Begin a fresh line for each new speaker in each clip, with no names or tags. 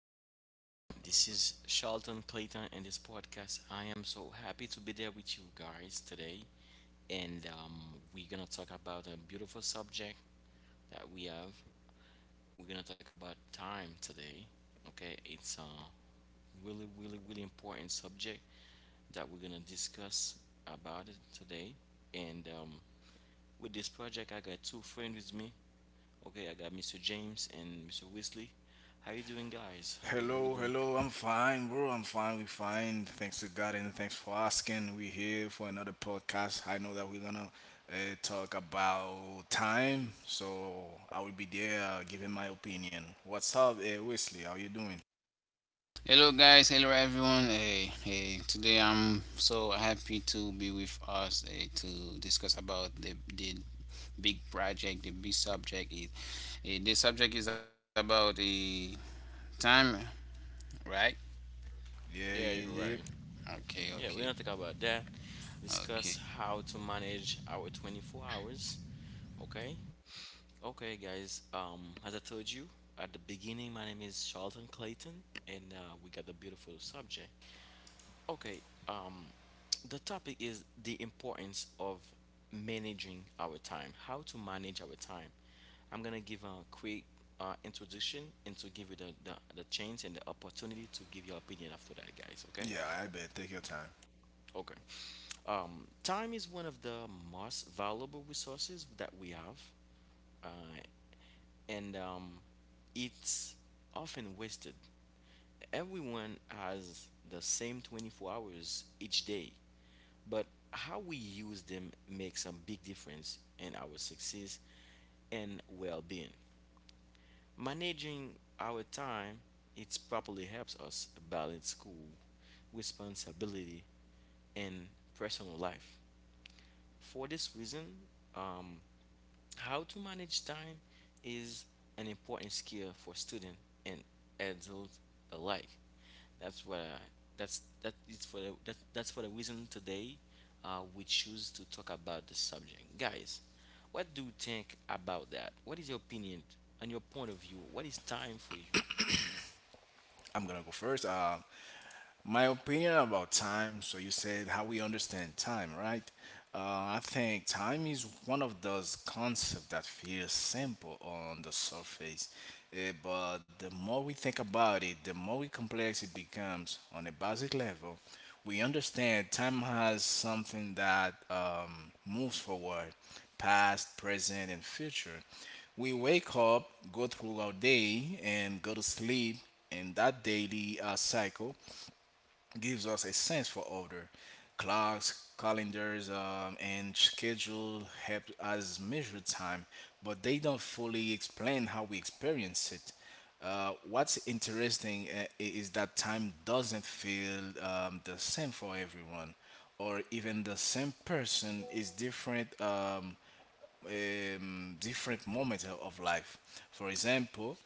Hello, everyone. This is Charlton Clayton, and this podcast. I am so happy to be there with you guys today, and we're gonna talk about a beautiful subject that we have. We're gonna talk about time today. Okay, it's a really, really, really important subject that we're gonna discuss about it today. And with this project, I got two friends with me. Okay, I got Mr. James and Mr. Wesley. How you doing, guys? How do
Hello,
how you doing?
hello. I'm fine, bro. I'm fine. We fine. Thanks to God and thanks for asking. We here for another podcast. I know that we're gonna uh, talk about time, so I will be there giving my opinion. What's up, Wesley? How you doing?
Hello guys, hello everyone. Hey, today I'm so happy to be with us to discuss about the big project, the subject is about the time, right?
Yeah, yeah,
Yeah, you're
yeah.
right.
Okay,
Yeah, we're gonna
okay,
talk about that. Discuss
okay,
how to manage our 24 hours. Okay, okay, guys. As I told you at the beginning, my name is Charlton Clayton, and we got a beautiful subject. Okay, um, the topic is the importance of managing our time. How to manage our time. I'm gonna give a quick introduction and to give you the chance and the opportunity to give your opinion after that, guys.
Yeah,
Okay.
I bet. Take your time.
Okay. Time is one of the most valuable resources that we have, uh, and it's often wasted. Everyone has the same 24 hours each day, but how we use them makes a big difference in our success and well-being. Managing our time, it properly helps us balance school, responsibility, and personal life. For this reason, um, how to manage time is an important skill for student and adult alike. That's what I, that's that is for the, that, that's for the reason today we choose to talk about the subject. Guys, what do you think about that? What is your opinion and your point of view? What is time for you?
I'm gonna go first. My opinion about time. So you said how we understand time, right? Uh, I think time is one of those concepts that feels simple on the surface, but the more we think about it, the more complex it becomes. On a basic level, we understand time has something that moves forward, past, present, and future. We wake up, go through our day, and go to sleep in that daily cycle gives us a sense for order. Clocks, calendars, and schedule help us measure time, but they don't fully explain how we experience it. What's interesting is that time doesn't feel the same for everyone, or even the same person is different. Different moments of life. For example,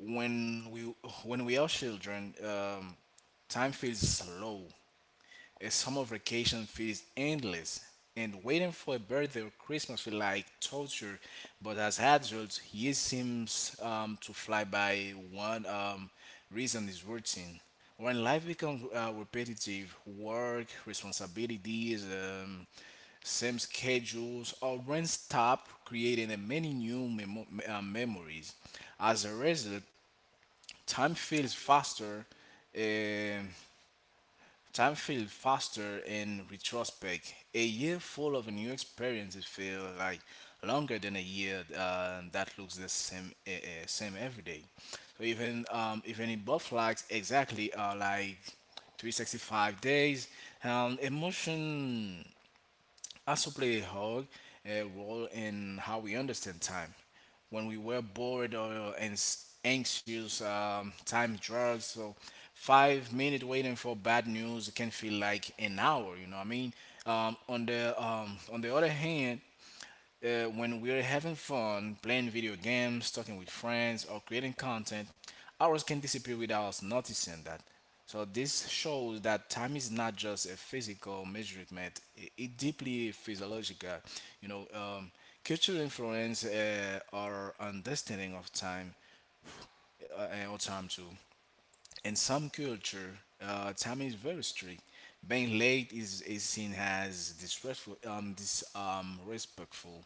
when we when we are children, time feels slow. A summer vacation feels endless, and waiting for a birthday or Christmas feel like torture. But as adults, year seems to fly by. One reason is routine. When life becomes repetitive, work, responsibilities, same schedules, our brain stop creating a many new memories. As a result, time feels faster. um Time feels faster in retrospect. A year full of new experiences feel like longer than a year that looks the same same every day. So even even in both flags exactly like 365 days, emotion also play a hug a role in how we understand time. When we were bored or anxious, time drugs. So 5 minutes waiting for bad news can feel like an hour. You know what I mean? On the other hand, when we're having fun, playing video games, talking with friends, or creating content, hours can disappear without us noticing that. So this shows that time is not just a physical measurement; it deeply physiological. You know, cultural influence our understanding of time and our time too. In some culture, time is very strict. Being late is seen as disrespectful, respectful,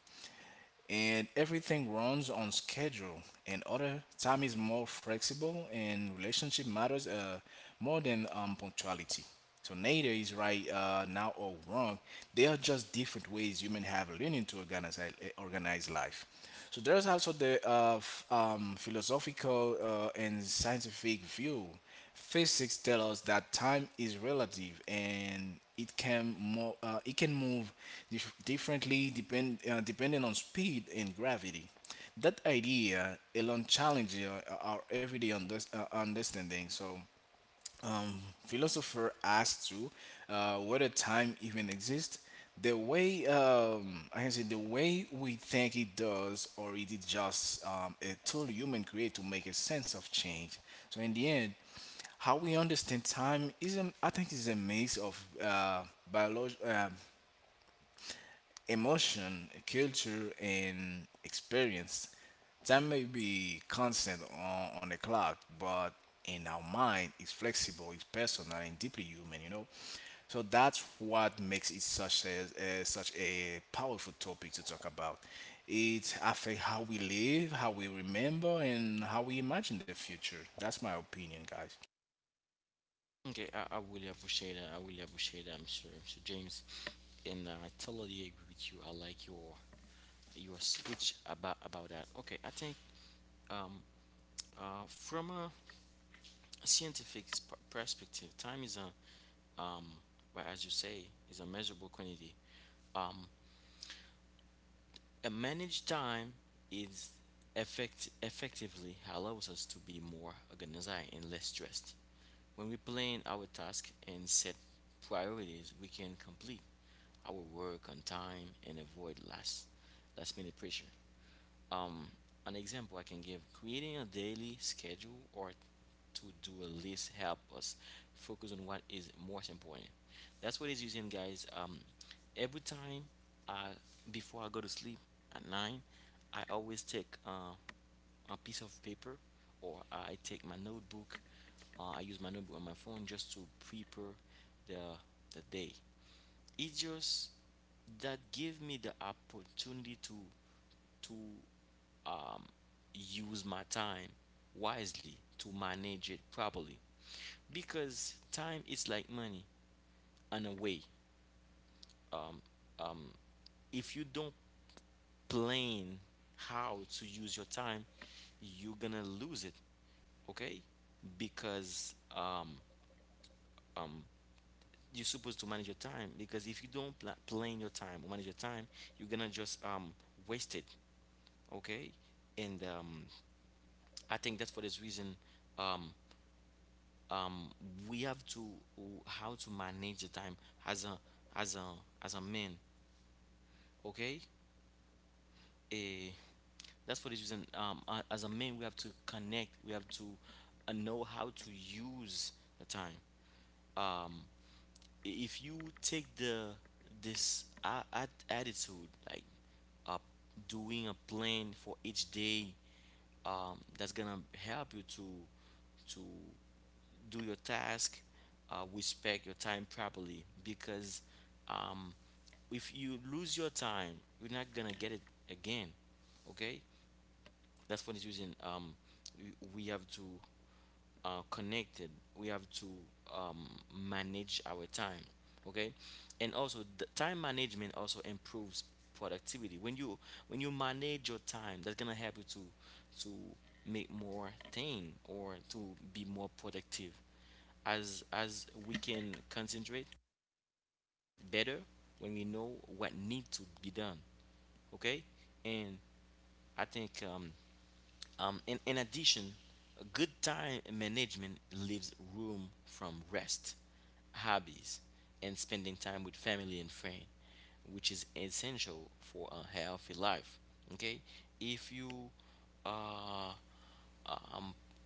and everything runs on schedule. And other time is more flexible, and relationship matters more than punctuality. So neither is right now or wrong. They are just different ways humans have learning to organize life. So there's also the philosophical and scientific view. Physics tell us that time is relative and it can it can move differently depending on speed and gravity. That idea alone challenges our everyday understanding. So um, philosopher asked to whether time even exists the way I can say the way we think it does, or it is just a tool human create to make a sense of change. So in the end, how we understand time is I think is a mix of uh, biology, emotion, culture, and experience. Time may be constant on the clock, but in our mind, it's flexible, it's personal, and deeply human. You know, so that's what makes it such a such a powerful topic to talk about. It affects how we live, how we remember, and how we imagine the future. That's my opinion, guys.
Okay, I really appreciate that. I really appreciate that, Mr. James, and I totally agree with you. I like your speech about that. Okay, I think um, from a scientific perspective, time is a um, well, as you say, is a measurable quantity. Um, a managed time is effectively allows us to be more organized and less stressed. When we plan our task and set priorities, we can complete our work on time and avoid last minute pressure. Um, an example I can give creating a daily schedule or to do a list help us focus on what is most important. That's what it's using, guys. Every time I before I go to sleep at nine, I always take a piece of paper or I take my notebook. I use my notebook on my phone just to prepare the the day. It just that give me the opportunity to um, use my time wisely to manage it properly, because time is like money in a way. If you don't plan how to use your time, you're gonna lose it. Okay, because um, you're supposed to manage your time, because if you don't plan your time or manage your time, you're gonna just waste it. Okay. And I think that's for this reason um, um, we have to how to manage the time as a as a as a man. Okay. Eh, that's for this reason as a man we have to connect we have to know how to use the time. um, if you take the attitude like uh, doing a plan for each day, that's gonna help you to do your task, respect your time properly, because um, if you lose your time, you're not gonna get it again. Okay, that's what it's using. We have to connect it. We have to um, manage our time. Okay, and also the time management also improves productivity. When you manage your time, that's gonna help you to make more thing or to be more productive. As we can concentrate better when we know what need to be done. Okay, and I think in addition, a good time management leaves room from rest, hobbies, and spending time with family and friends, which is essential for a healthy life. Okay, if you uh, um,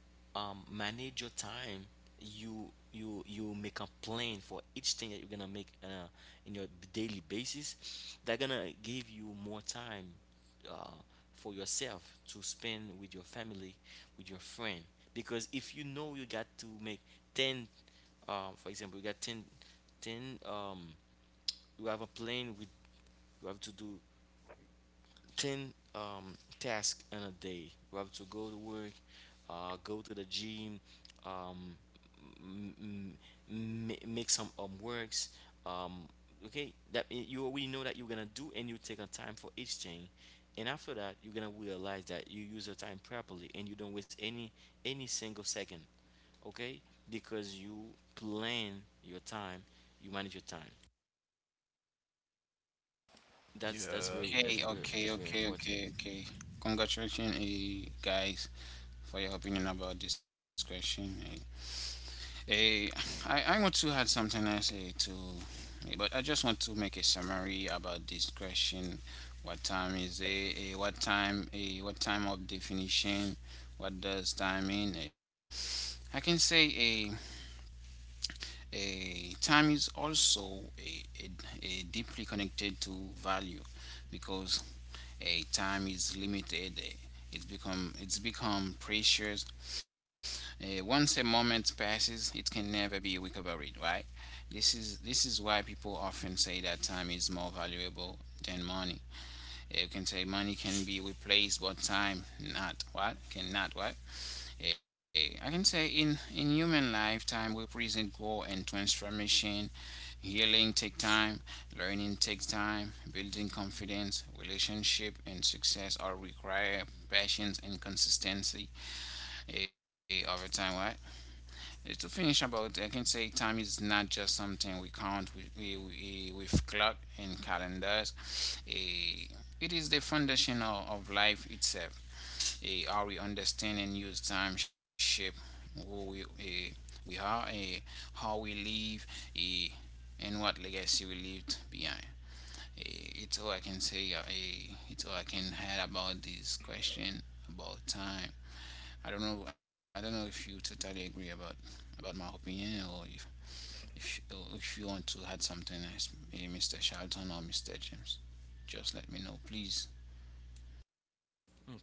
manage your time, you make a plan for each thing that you're gonna make in your daily basis, that gonna give you more time uh, for yourself to spend with your family, with your friend, because if you know you got to make 10 um, for example you got ten ten. 10 you have a plan with you have to do ten tasks in a day. We have to go to work, go to the gym, um, m- m- make some works. Um, okay, that you already know that you're gonna do, and you take a time for each thing. And after that, you're gonna realize that you use your time properly, and you don't waste any single second. Okay, because you plan your time, you manage your time. That's that's
Yeah,
very
okay,
that's very,
okay,
that's
okay,
very
okay,
important.
okay. Congratulations, guys, for your opinion about this question. Eh. Eh, I want to add something I say to, but I just want to make a summary about this question. What time is a what time a what time of definition? What does time mean? I can say a time is also a deeply connected to value because a time is limited. It's become precious. Once a moment passes, it can never be recovered, right? This is why people often say that time is more valuable than money. You can say money can be replaced, but time not. What cannot what? I can say in human life, time represents growth and transformation. Healing take time, learning takes time, building confidence, relationship and success all require patience and consistency. Over time, what? To finish about, I can say time is not just something we count with, with clock and calendars. Eh, it is the foundation of life itself. How we understand and use time shape who we are, how we live, eh, and what legacy we left behind. It's all I can say. It's all I can add about this question about time. I don't know. I don't know if you totally agree about my opinion, or if you, if you want to add something else, maybe Mr. Charlton or Mr. James. Just let me know, please.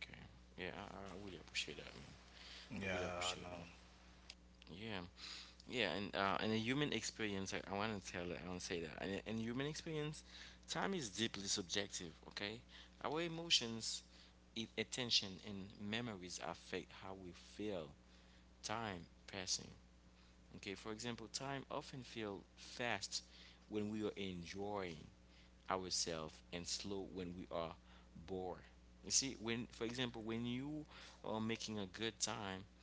Okay. Yeah, I really appreciate that, man. I really
yeah, I know.
appreciate that. Yeah, yeah, and a human experience. I want to tell that. I want to say that. And in human experience, time is deeply subjective. Okay, our emotions, attention, and memories affect how we feel time passing. Okay, for example, time often feels fast when we are enjoying ourselves and slow when we are bored. You see, when for example, when you are making a good time,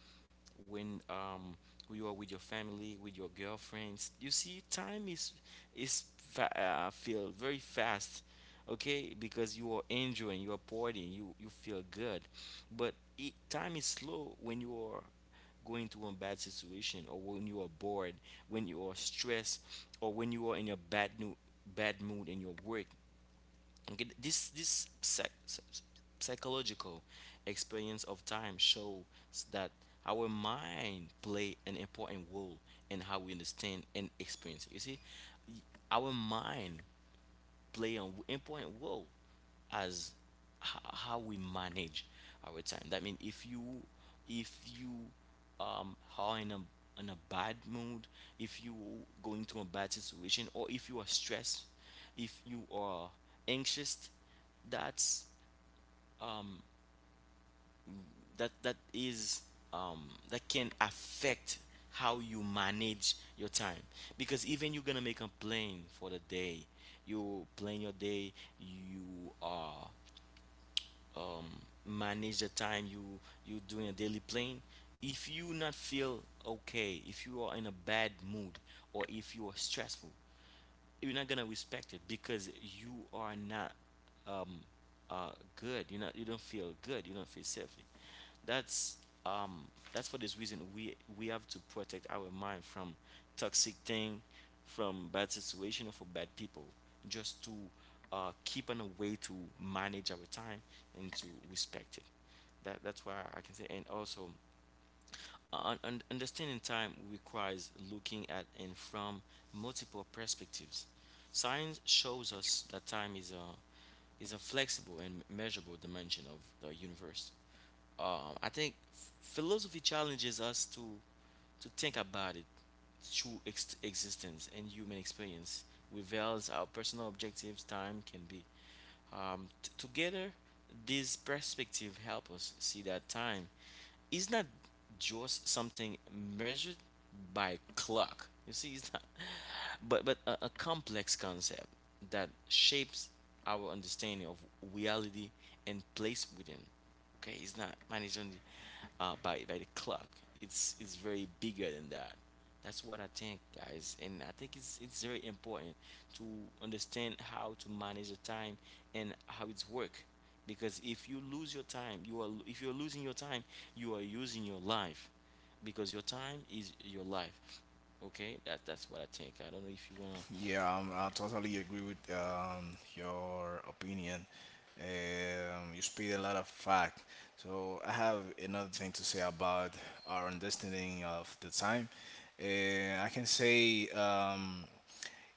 when you are with your family, with your girlfriends, you see, time feel very fast, okay? Because you are enjoying, you are partying, you feel good, but it, time is slow when you are going to a bad situation or when you are bored, when you are stressed, or when you are in a bad mood in your work. Okay, this psychological experience of time shows that our mind play an important role in how we understand and experience. You see, our mind play an important role as how we manage our time. That means if if you are in a bad mood, if you going through a bad situation, or if you are stressed, if you are anxious, that's that is that can affect how you manage your time, because even you're gonna make a plan for the day, you plan your day, you are um, manage the time, you doing a daily plan, if you not feel okay, if you are in a bad mood or if you are stressful, you're not gonna respect it, because you are not um uh good, you're not, you don't feel good, you don't feel safely. That's um that's for this reason we have to protect our mind from toxic thing, from bad situation or for bad people, just to keep on a way to manage our time and to respect it. That that's why I can say. And also understanding time requires looking at and from multiple perspectives. Science shows us that time is a flexible and measurable dimension of the universe. I think philosophy challenges us to think about it through existence, and human experience reveals our personal objectives time can be together. This perspective help us see that time it's not just something measured by clock. You see, it's not, but but a complex concept that shapes our understanding of reality and place within. Okay, it's not managed only by the clock. It's very bigger than that. That's what I think, guys, and I think it's very important to understand how to manage the time and how it's work. Because if you lose your time, you are if you're losing your time, you are using your life, because your time is your life. Okay, that that's what I think. I don't know if you wanna.
Yeah, I totally agree with your opinion. You speak a lot of fact. So I have another thing to say about our understanding of the time. I can say.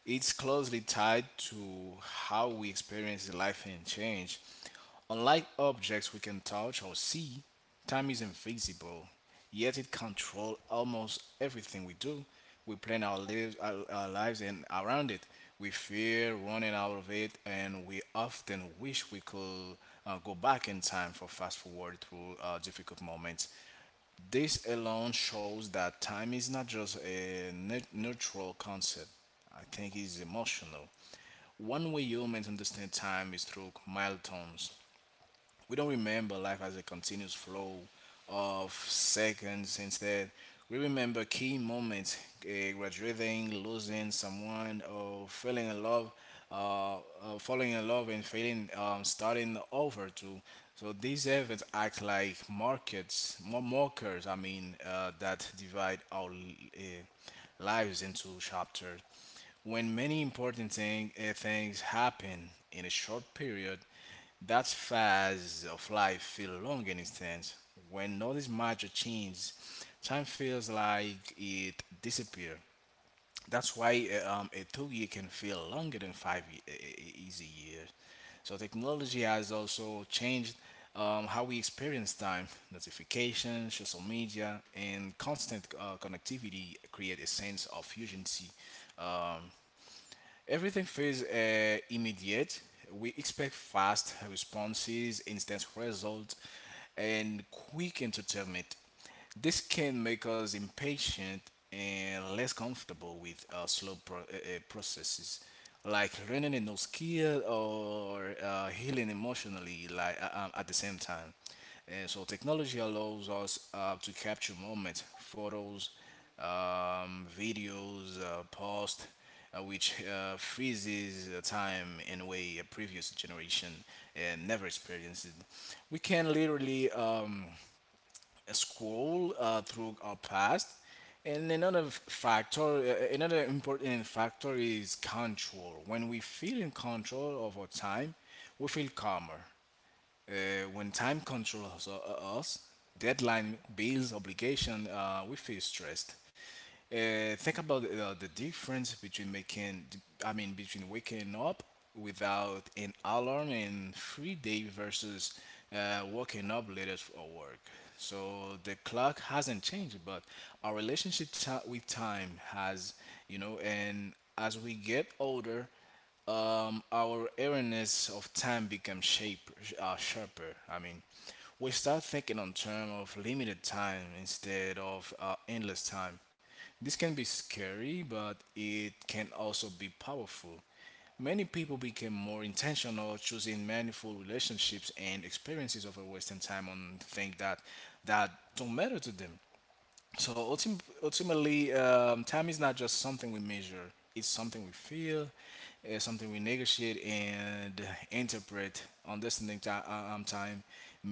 It's closely tied to how we experience life and change. Unlike objects we can touch or see, time is invisible, yet it controls almost everything we do. We plan our lives, our lives and around it. We fear running out of it, and we often wish we could go back in time for fast forward through difficult moments. This alone shows that time is not just a neutral concept. I think it's emotional. One way humans understand time is through milestones. We don't remember life as a continuous flow of seconds. Instead, we remember key moments, graduating, losing someone, or falling in love and failing, starting over too. So these events act like more markers. I mean, that divide our lives into chapters. When many important things happen in a short period, that phase of life feel long in instance. When all these major change, time feels like it disappear. That's why a 2 years can feel longer than five easy years. So technology has also changed how we experience time. Notifications, social media, and constant connectivity create a sense of urgency. Um, Everything feels immediate. We expect fast responses, instant results, and quick entertainment. This can make us impatient and less comfortable with uh, slow processes, like learning a new skill or healing emotionally, like at the same time. And so technology allows us to capture moments, photos, videos, posts, which freezes time in a way a previous generation uh, never experienced. We can literally scroll through our past. And another factor, another important factor is control. When we feel in control of our time, we feel calmer when time controls us, deadline, bills, obligation, we feel stressed. Think about the difference between making, I mean, between waking up without an alarm and free day versus waking up later for work. So the clock hasn't changed, but our relationship ti with time has, you know, and as we get older, our awareness of time becomes shape sharper. I mean, we start thinking on terms of limited time instead of endless time. This can be scary, but it can also be powerful. Many people became more intentional, choosing meaningful relationships and experiences over wasting time on things that don't matter to them. So ultimately, time is not just something we measure, it's something we feel, it's something we negotiate and interpret. Understanding time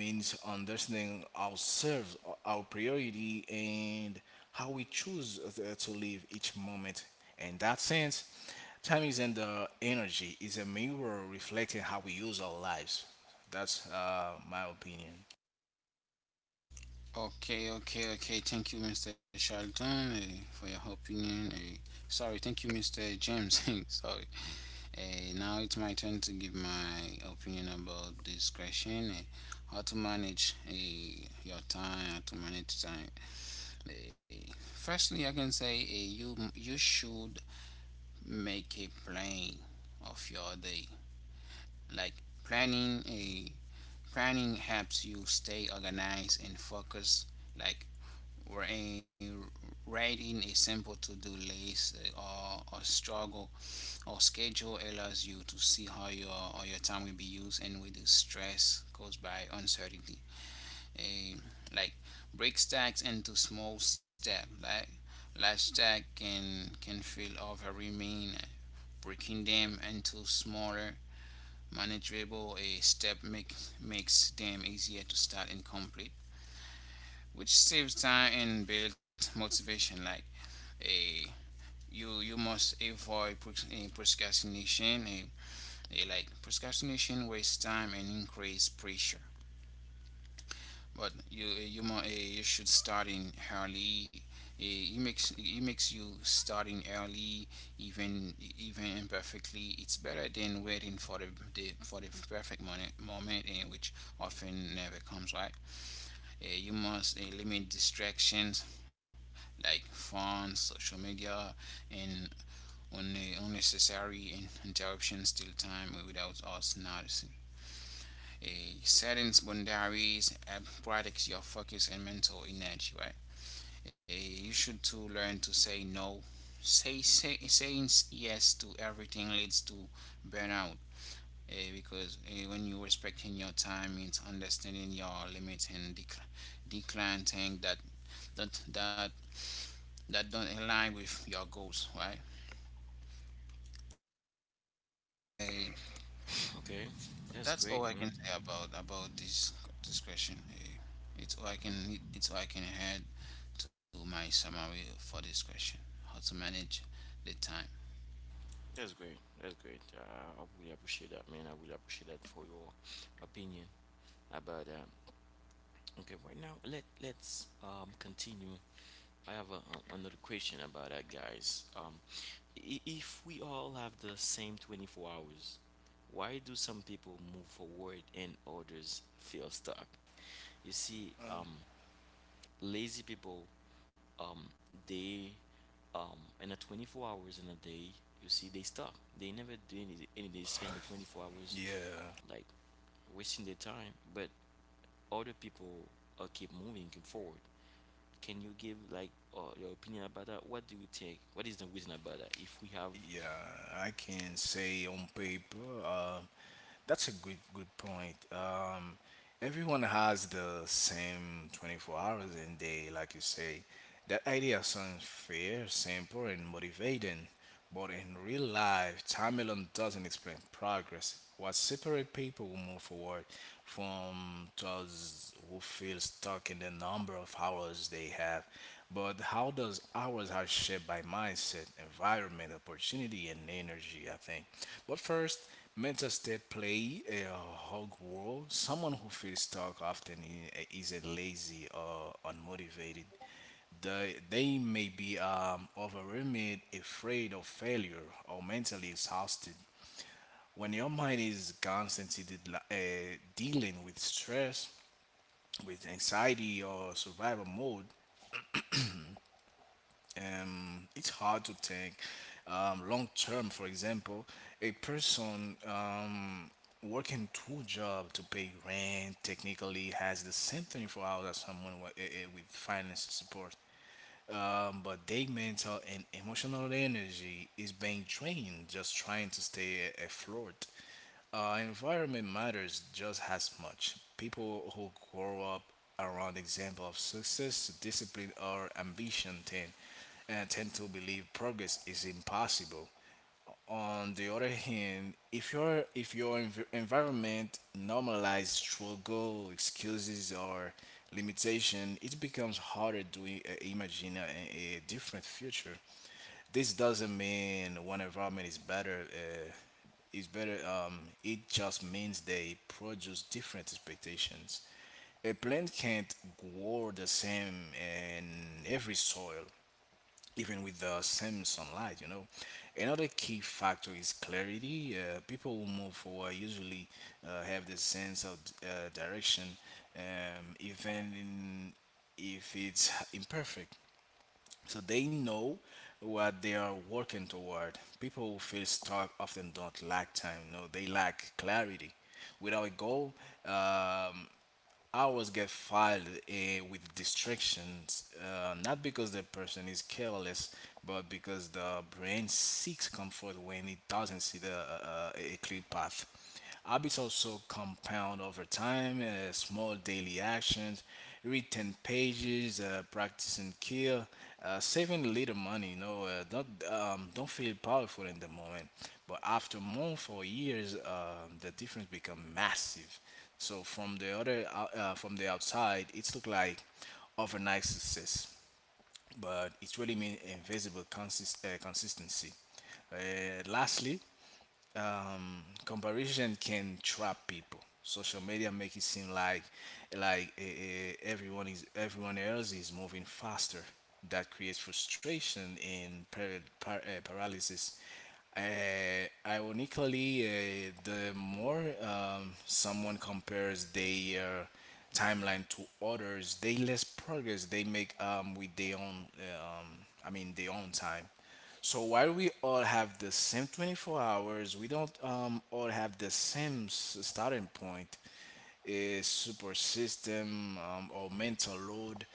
means understanding ourselves, our priority, and how we choose to live each moment. In that sense, time is in the energy, is a mirror reflecting how we use our lives. That's my opinion.
Okay, okay, okay. Thank you, Mr. Charlton, for your opinion. Eh. Sorry, thank you, Mr. James. Sorry. Now it's my turn to give my opinion about this question. How to manage your time? How to manage time? Eh. Firstly, I can say you should make a plan of your day. Like planning a planning helps you stay organized and focused. Like wri- writing a simple to-do list or a struggle or schedule allows you to see how your time will be used and reduce stress caused by uncertainty. A Like break tasks into small steps. Like large task can feel overwhelming. Breaking them into smaller, manageable steps makes them easier to start and complete, which saves time and builds motivation. Like a you must avoid procrastination. A Like procrastination wastes time and increase pressure. But you should starting early. It makes you starting early, even imperfectly. It's better than waiting for the for the perfect moment, which often never comes. Right? You must limit distractions like phones, social media, and un- unnecessary interruptions till time without us noticing. A Settings boundaries and protects your focus and mental energy, right? You should to learn to say no. Saying yes to everything leads to burnout, because when you're respecting your time, it's understanding your limits and decline things that that that don't align with your goals, right? Eh,
Okay, that's
that's all
great.
I can
Mm.
say about this question. It's all I can add to my summary for this question. How to manage the time.
That's great. That's great. I really appreciate that, man. I really appreciate that for your opinion about that. Okay, right now let's continue. I have a, another question about that, guys. If we all have the same 24 hours, why do some people move forward and others feel stuck? You see, lazy people um they in the 24 hours in a day, you see they stop, they never do any they spend the 24 hours
Yeah.
like wasting their time, but other people keep moving, keep forward. Can you give like your opinion about that? What do you think? What is the reason about that, if we have
Yeah, I can say on paper, that's a good point. Everyone has the same 24 hours in day, like you say. That idea sounds fair, simple, and motivating, but in real life, time alone doesn't explain progress. What separate people who move forward from those who feel stuck in the number of hours they have. But how does ours are shaped by mindset, environment, opportunity, and energy, I think. But first, mental state play a hug role. Someone who feels stuck often isn't lazy or unmotivated. They may be overwhelmed, afraid of failure, or mentally exhausted. When your mind is constantly dealing with stress, with anxiety or survival mode, it's hard to think long term. For example, a person working two jobs to pay rent technically has the same 24 hours as someone with, with finance support, but their mental and emotional energy is being drained just trying to stay afloat. Environment matters just as much. People who grow up around example of success, discipline, or ambition tend to believe progress is impossible. On the other hand, if your environment normalizes struggle, excuses, or limitation, it becomes harder to imagine a different future. This doesn't mean one environment is better. Is better. It just means they produce different expectations. A plant can't grow the same in every soil, even with the same sunlight, you know. Another key factor is clarity. People who move forward usually have the sense of direction, even if it's imperfect. So they know what they are working toward. People who feel stuck often don't lack time. No, they lack clarity. Without a goal, um, hours get filed with distractions, not because the person is careless, but because the brain seeks comfort when it doesn't see a clear path. Habits also compound over time, small daily actions, read 10 pages, practice and saving a little money, you know, don't feel powerful in the moment. But after months or years, the difference becomes massive. So from from the outside, it looked like overnight success, but it really means invisible consistency. Lastly, comparison can trap people. Social media make it seem like like everyone else is moving faster. That creates frustration and paralysis. Ironically, the more someone compares their timeline to others, the less progress they make with their own. Eh, I mean, their own time. So while we all have the same 24 hours, we don't all have the same starting point, a super system or mental load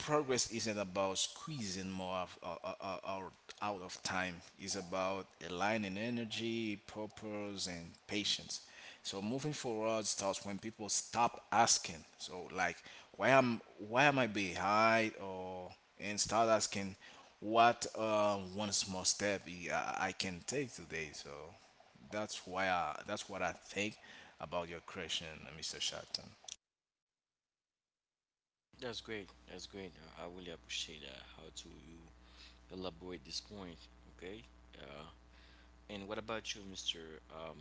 progress isn't about squeezing more of, out out of time. It's about aligning energy, purpose, and patience. So moving forward starts when people stop asking. Why am I behind? Or And start asking, what one small step I can take today. So that's what I think about your question, Mr. Shatton.
that's great? That's great. I really appreciate that. How to you elaborate this point. Okay. uh, And what about you, Mr. Um,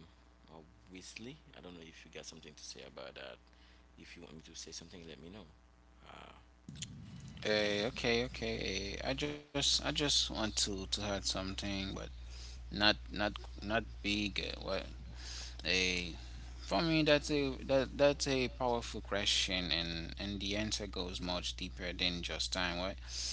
uh, Weasley? I don't know if you got something to say about that. If you want me to say something, let me know. Uh,
Okay, okay. I just want to add something, but not not not big. Well, a for me that's a that that's a powerful question, and the answer goes much deeper than just time. Right?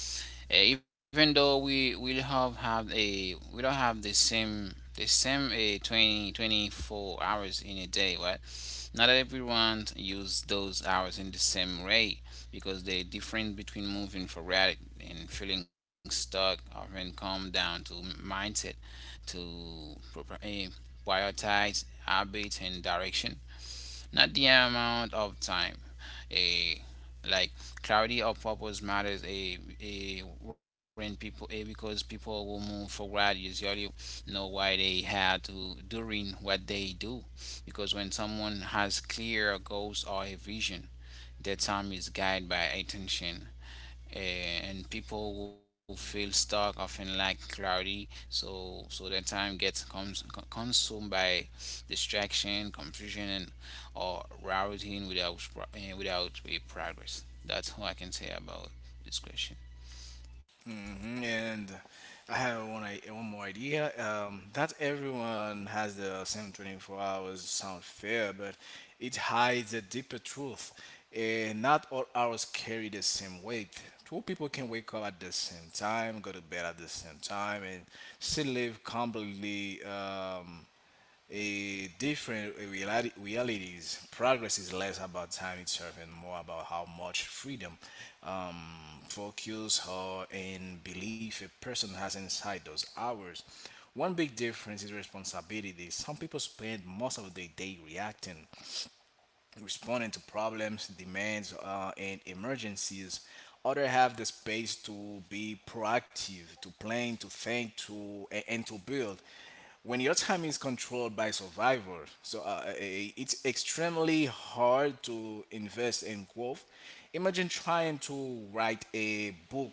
Even though we will have a we don't have the same 20 24 hours in a day, right? Not everyone use those hours in the same way, because the difference between moving forward and feeling stuck often come down to mindset, to proper, prioritize habits and direction, not the amount of time. A Like clarity of purpose matters. A when people a Because people will move forward usually know why they had to doing what they do. Because when someone has clear goals or a vision, their time is guided by attention and people will feel stuck often like cloudy. So their time gets consumed by distraction, confusion, and or routing without without a progress. That's all I can say about this question.
Hmm. And I have one more idea. That everyone has the same 24 hours sound fair, but it hides a deeper truth. Not all hours carry the same weight. Two people can wake up at the same time, go to bed at the same time, and still live completely a different realities. Progress is less about time itself and more about how much freedom, um, focus, or and belief a person has inside those hours. One big difference is responsibility. Some people spend most of their day reacting, responding to problems, demands, and emergencies. Others have the space to be proactive, to plan, to think, and to build. When your time is controlled by survival, it's extremely hard to invest in growth. Imagine trying to write a book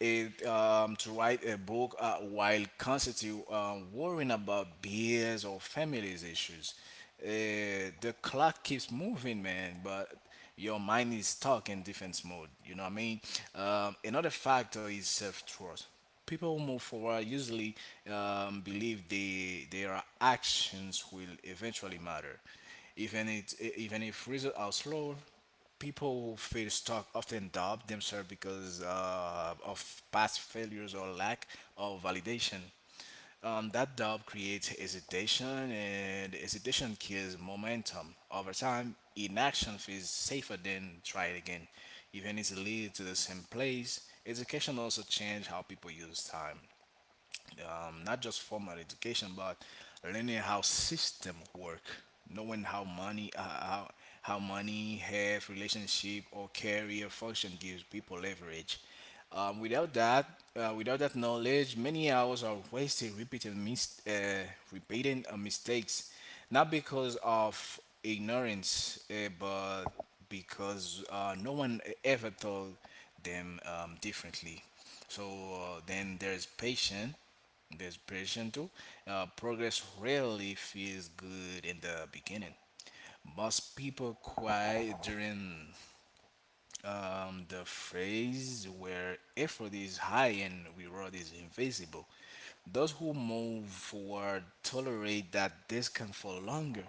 it to write a book while constantly worrying about bills or family's issues. The clock keeps moving, man, but your mind is stuck in defense mode. You know what I mean? Another factor is self trust. People who move forward usually believe their actions will eventually matter, even if results are slow. People who feel stuck often doubt themselves because of past failures or lack of validation. That doubt creates hesitation, and hesitation kills momentum. Over time, inaction feels safer than try it again. Even if it leads to the same place, education also changes how people use time, not just formal education, but learning how system work, knowing how how money, health, relationship, or career function gives people leverage. Um, without that, Without that knowledge, many hours are wasted repeating mistakes, not because of ignorance, but because no one ever told them differently. So then there's patience. Desperation too. Progress rarely feels good in the beginning. Most people cry during the phase where effort is high and reward is invisible. Those who move forward tolerate that discomfort longer.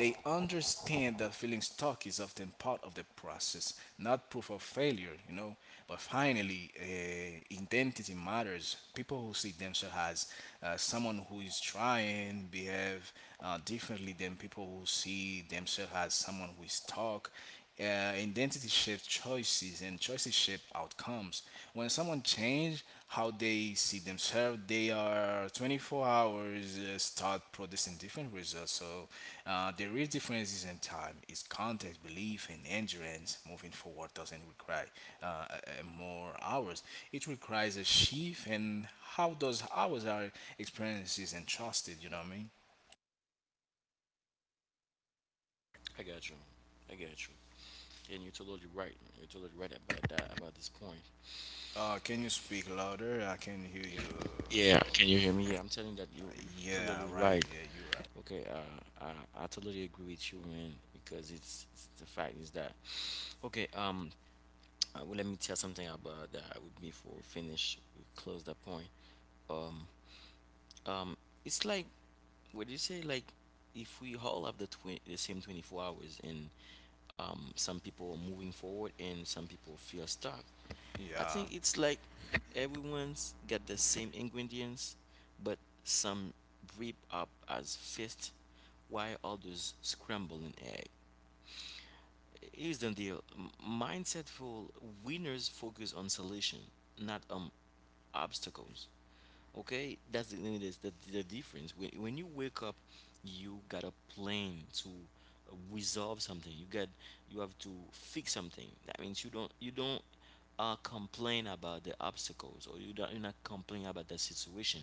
They understand that feeling stuck is often part of the process, not proof of failure, you know. But finally, identity matters. People who see themselves as someone who is trying behave differently than people who see themselves as someone who is stuck. Identity shapes choices, and choices shape outcomes. When someone change how they see themselves, they are 24 hours start producing different results. So the real in time. It's context, belief, and endurance. Moving forward doesn't require uh, uh, more hours. It requires a shift, and how those hours are experiences and trusted. You know what I mean?
I got you. I got you. And you're totally right. You're totally right about that, about this point.
Can you speak louder? I can hear
Yeah.
you
Yeah.
slow.
Can you hear me? Yeah, I'm telling you that you're
Yeah,
totally
right.
right.
Yeah, you're right.
Okay. I totally agree with you, man, because it's the fact is that, okay, well, let me tell something about that with me before we finish, we close that point. Um. um it's like, what do you say, like if we all have the the same 24 hours, and some people are moving forward and some people feel stuck. I
Yeah,
think it's like everyone's got the same ingredients, but some rip up as fist while others scramble an egg. Here's the deal. Mindsetful winners focus on solution, not on obstacles. Okay, that's the, the difference. When you wake up, you got a plan to resolve something, you have to fix something. That means you don't complain about the obstacles, or you're not complaining about the situation.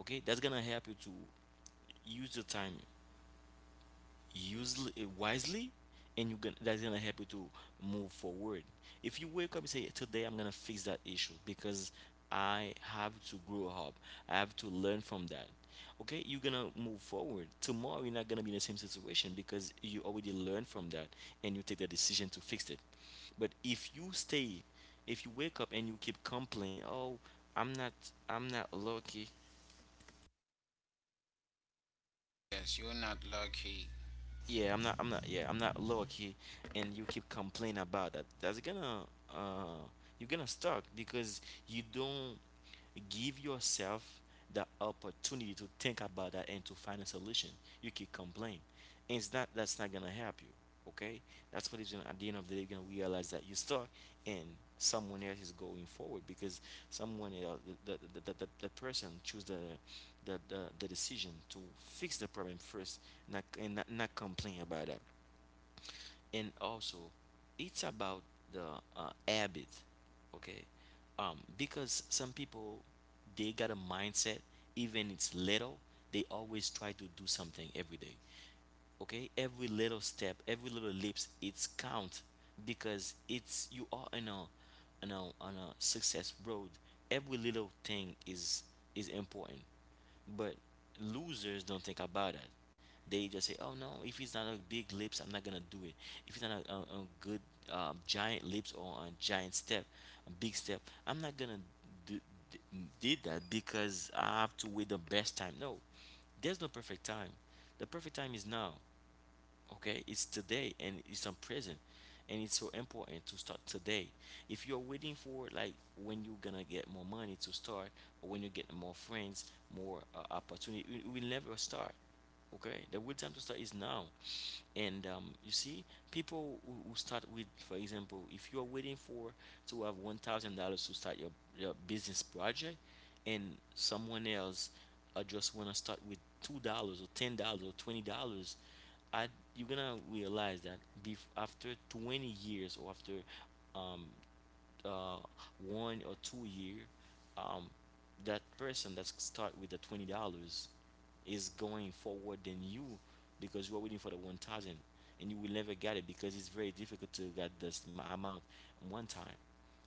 Okay, that's gonna help you to use the time, usely, wisely. And you gonna that's gonna help you to move forward. If you wake up and say, today I'm gonna fix that issue because I have to grow up, I have to learn from that, okay, you're gonna move forward. Tomorrow you're not gonna be in the same situation because you already learned from that and you take the decision to fix it. But if you stay, if you wake up and you keep complaining, oh, i'm not I'm not lucky.
Yes, you're not lucky.
Yeah, I'm not. I'm not. Yeah, I'm not lower key, and you keep complaining about that. That's gonna. Uh, you're gonna stuck because you don't give yourself the opportunity to think about that and to find a solution. You keep complaining, and it's not. That's not gonna help you. Okay, that's what is gonna. At the end of the day, you're gonna realize that you're stuck, and someone else is going forward because someone else, the person choose the, the decision to fix the problem first, not complain about that. And also, it's about the habit. Okay, because some people, they got a mindset, even it's little, they always try to do something every day. Okay, every little step, every little leaps, it's count, because it's, you are on a, on a success road. Every little thing is important. But losers don't think about that. They just say, oh no, if it's not a big leaps, I'm not gonna do it. If it's not a, a good giant leaps or a giant step, a big step, I'm not gonna do, d- did that, because I have to wait the best time. No, there's no perfect time. The perfect time is now. Okay, it's today and it's present, and it's so important to start today. If you're waiting for, like, when you're gonna get more money to start, or when you get more friends, more opportunity, you will never start. Okay, the good time to start is now. And you see, people who start with, for example, if you're waiting for to have $1,000 to start your business project, and someone else just want to start with $2 or $10 or $20, I, you're gonna realize that after 20 years or after um, uh, 1 or 2 year, um, that person that start with the $20 is going forward than you, because you are waiting for the 1,000 and you will never get it because it's very difficult to get this amount one time.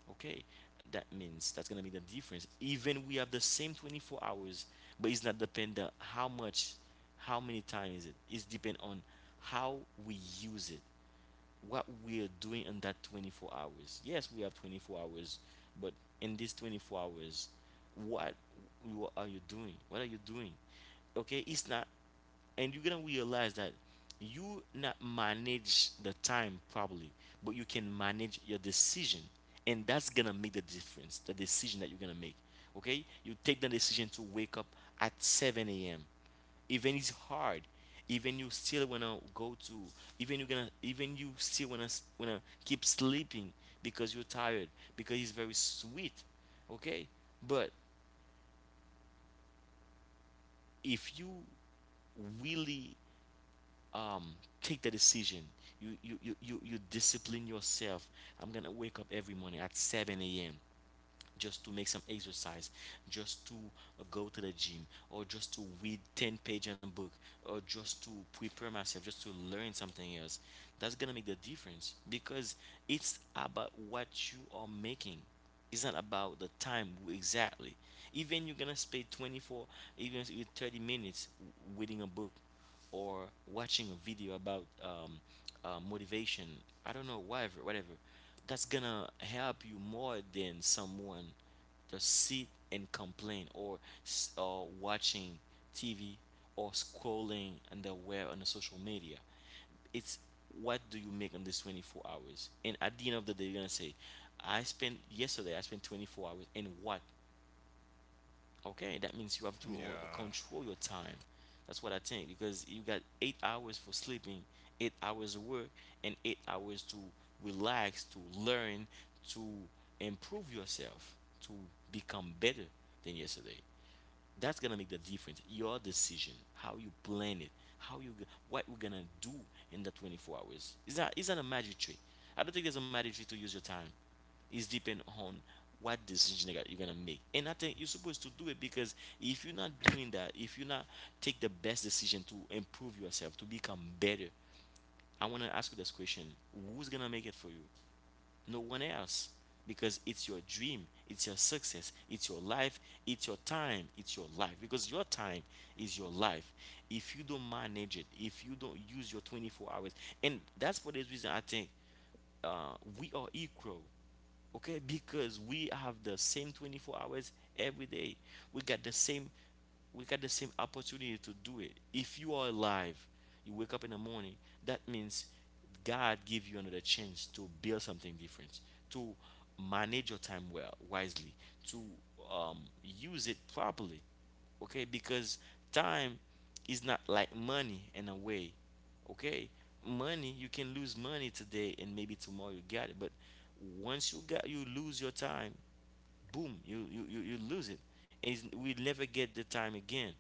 Okay, that means that's gonna be the difference. Even we have the same 24 hours, but it's not dependent how much, how many times is it. It's depend on how we use it, what we're doing in that 24 hours. Yes, we have 24 hours, but in these 24 hours, what what are you doing? What are you doing? Okay, it's not, and you're gonna realize that you not manage the time probably, but you can manage your decision, and that's gonna make the difference. The decision that you're gonna make. Okay, you take the decision to wake up at 7 a.m., even it's hard, even you still wanna go to, even you still wanna wanna keep sleeping because you're tired, because it's very sweet. Okay, but if you really um take the decision, you you discipline yourself, I'm gonna wake up every morning at 7 a.m. just to make some exercise, just to go to the gym, or just to read 10 pages in a book, or just to prepare myself, just to learn something else. That's gonna make the difference because it's about what you are making. It's not about the time exactly. Even you're gonna spend 24, even with 30 minutes reading a book or watching a video about motivation, I don't know, whatever, whatever, that's gonna help you more than someone just sit and complain, or watching TV or scrolling and the web on the social media. It's what do you make on these 24 hours? And at the end of the day, you're gonna say, I spent yesterday, I spent 24 hours, and what? Okay, that means you have to
yeah,
control your time. That's what I think, because you got 8 hours for sleeping, 8 hours of work, and 8 hours to relax, to learn, to improve yourself, to become better than yesterday. That's gonna make the difference, your decision, how you plan it, what we're gonna do in the 24 hours. Is that a magic trick? I don't think there's a magic trick to use your time. It's depend on what decision you're gonna make, and I think you're supposed to do it. Because if you're not doing that, if you're not take the best decision to improve yourself, to become better, I want to ask you this question: who's gonna make it for you? No one else. Because it's your dream, it's your success, it's your life, it's your time, it's your life. Because your time is your life. If you don't manage it, if you don't use your 24 hours. And that's for this reason I think uh, we are equal. Okay, because we have the same 24 hours every day. we got the same we got the same opportunity to do it. If you are alive, you wake up in the morning, that means God give you another chance to build something different, to manage your time well, wisely, to use it properly. Okay, because time is not like money in a way. Okay, money, you can lose money today and maybe tomorrow you got it. But once you got, you lose your time. Boom, you lose it. And we never get the time again.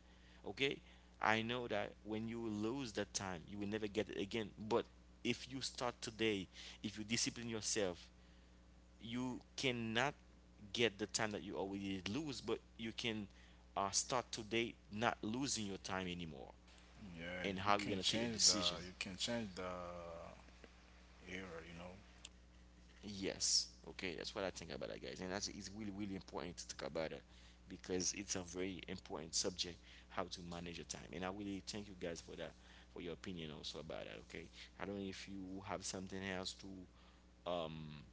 Okay, I know that when you lose that time you will never get it again. But if you start today, if you discipline yourself, you cannot get the time that you already lose, but you can start today not losing your time anymore.
yeah. You
And how
can
you're going to take
change
a
the
decision.
you can change the era. You know.
Yes. Okay, that's what I think about that, guys. And that's it's really, really important to talk about it because it's a very important subject, how to manage your time. And I really thank you guys for that, for your opinion also about that. Okay, I don't know if you have something else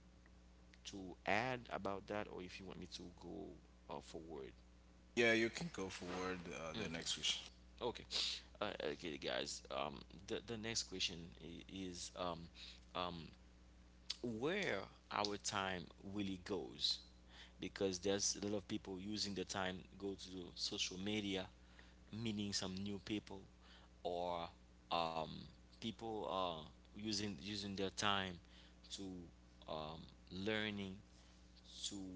to add about that, or if you want me to go forward.
Yeah, you can go forward the next
Okay.
question.
Okay. Okay, guys. The next question is um, where our time really goes. Because there's a lot of people using the time, go to social media, meeting some new people, or um, people using their time to um, learning, to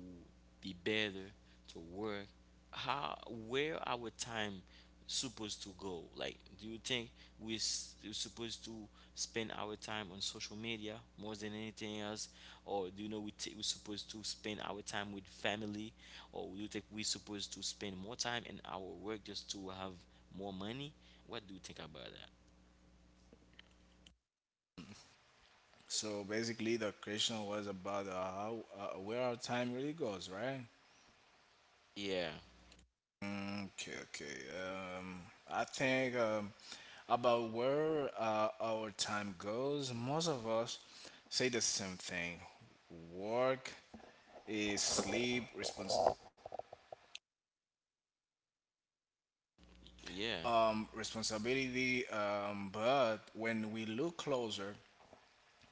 be better, to work. How where our time supposed to go? Like do you think we're supposed to spend our time on social media more than anything else? Or do you know we're supposed to spend our time with family? Or do you think we're supposed to spend more time in our work just to have more money? What do you think about that?
So basically, the question was about how where our time really goes, right?
Yeah.
Mm. Okay, okay. I think about where our time goes, most of us say the same thing. Work is sleep, respons-
Yeah,
um, responsibility. But when we look closer,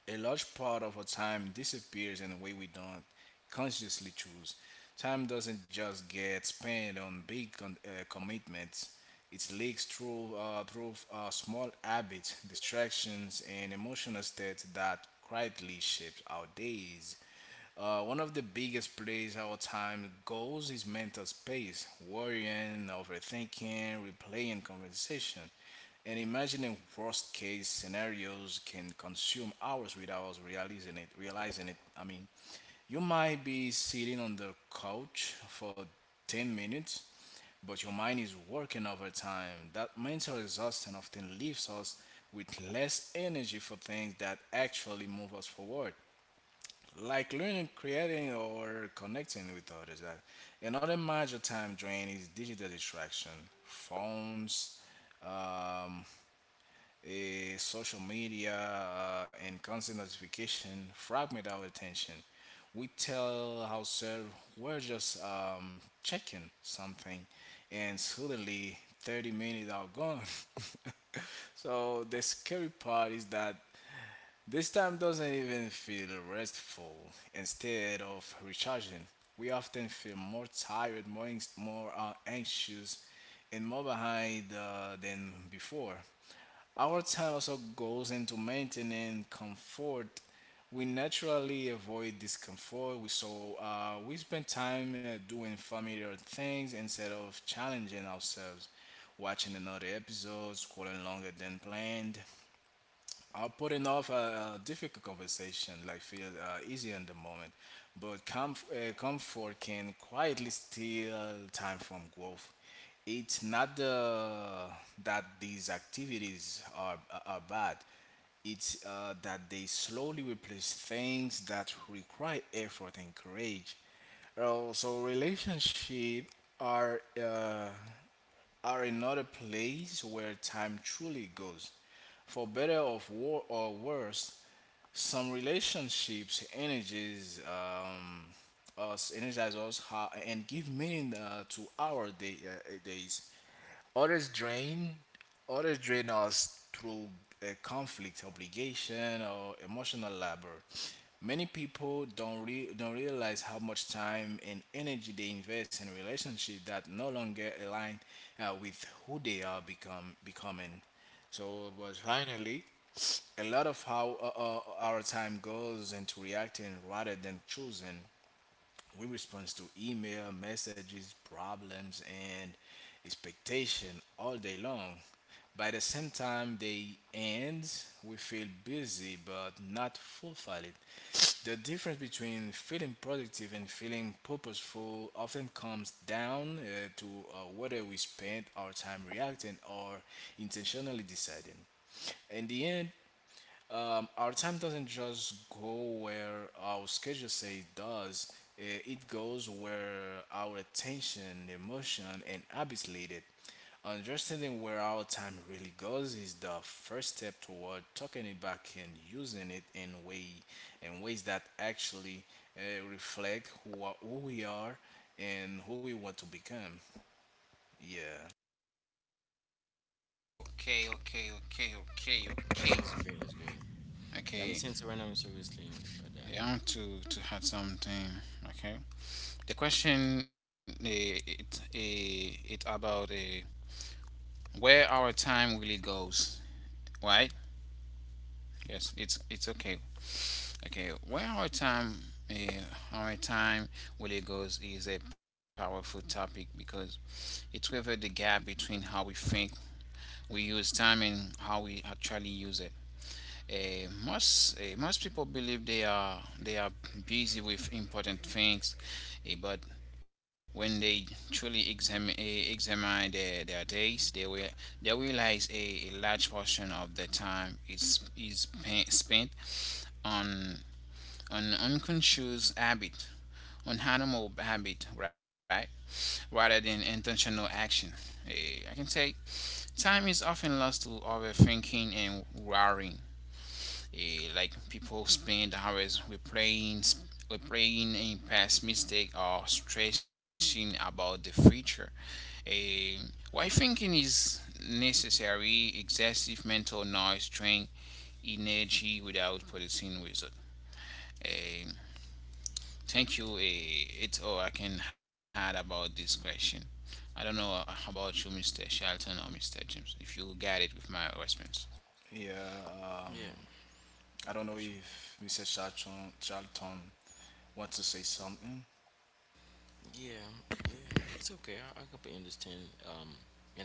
a large part of our time disappears in a way we don't consciously choose. Time doesn't just get spent on big commitments. It leaks through small habits, distractions, and emotional states that quietly shape our days. One of the biggest plays our time goes is mental space, worrying, overthinking, replaying conversation, and imagining worst case scenarios can consume hours without realizing it. I mean, you might be sitting on the couch for 10 minutes, but your mind is working overtime. That mental exhaustion often leaves us with less energy for things that actually move us forward like learning, creating, or connecting with others. Like, another major time drain is digital distraction, phones, um, social media, and constant notification fragment our attention. We tell ourselves we're just checking something, and suddenly 30 minutes are gone. So the scary part is that this time doesn't even feel restful. Instead of recharging, we often feel more tired, more anxious, and more behind than before. Our time also goes into maintaining comfort. We naturally avoid discomfort, so we spend time doing familiar things instead of challenging ourselves, watching another episode, scrolling longer than planned, I putting off a difficult conversation like feel easy in the moment, but comfort can quietly steal time from growth. It's not that these are bad. It's that they slowly replace things that require effort and courage. So relationship are uh, are another place where time truly goes. For better of war or worse, some relationships energies us energize us and give meaning to our days. Others drain, Others drain us through a conflict, obligation, or emotional labor. Many people don't realize how much time and energy they invest in relationships that no longer align with who they are become becoming. But finally, a lot of how our time goes into reacting rather than choosing. We respond to email, messages, problems, and expectation all day long. By the same time they end, we feel busy but not fulfilled. The difference between feeling productive and feeling purposeful often comes down to whether we spend our time reacting or intentionally deciding. In the end, our time doesn't just go where our schedule say it does. It goes where our attention, emotion, and habits lead it. Understanding where our time really goes is the first step toward tucking it back and using it in ways that actually reflect who we are and who we want to become. Yeah,
Okay, okay, okay, okay, okay,
that's great, that's great. Yeah, I'm
okay.
listening to right now seriously about
I
that.
want to add something. Okay, the question, it about, where our time really goes, right? Yes, it's okay. Okay, well, uh, our time really goes is a powerful topic because it covers the gap between how we think we use time and how we actually use it. Most people believe they are busy with important things, but when they truly examine their days, they will they realize a large portion of their time is spent on an unconscious habit, on animal habit, right? Rather than intentional action. I can say time is often lost to overthinking and worrying. Like people spend hours replaying a past mistake or stressing about the future. Eh, why thinking is necessary, excessive mental noise drain energy without producing result. Eh, Thank you. It's all I can add about this question. I don't know about you, Mr. Shelton or Mr. James, if you got it with my response.
yeah.
Yeah,
I
I
don't know
got you.
if Mr. Charlton wants to say something.
Yeah, yeah, it's okay. I completely understand, um,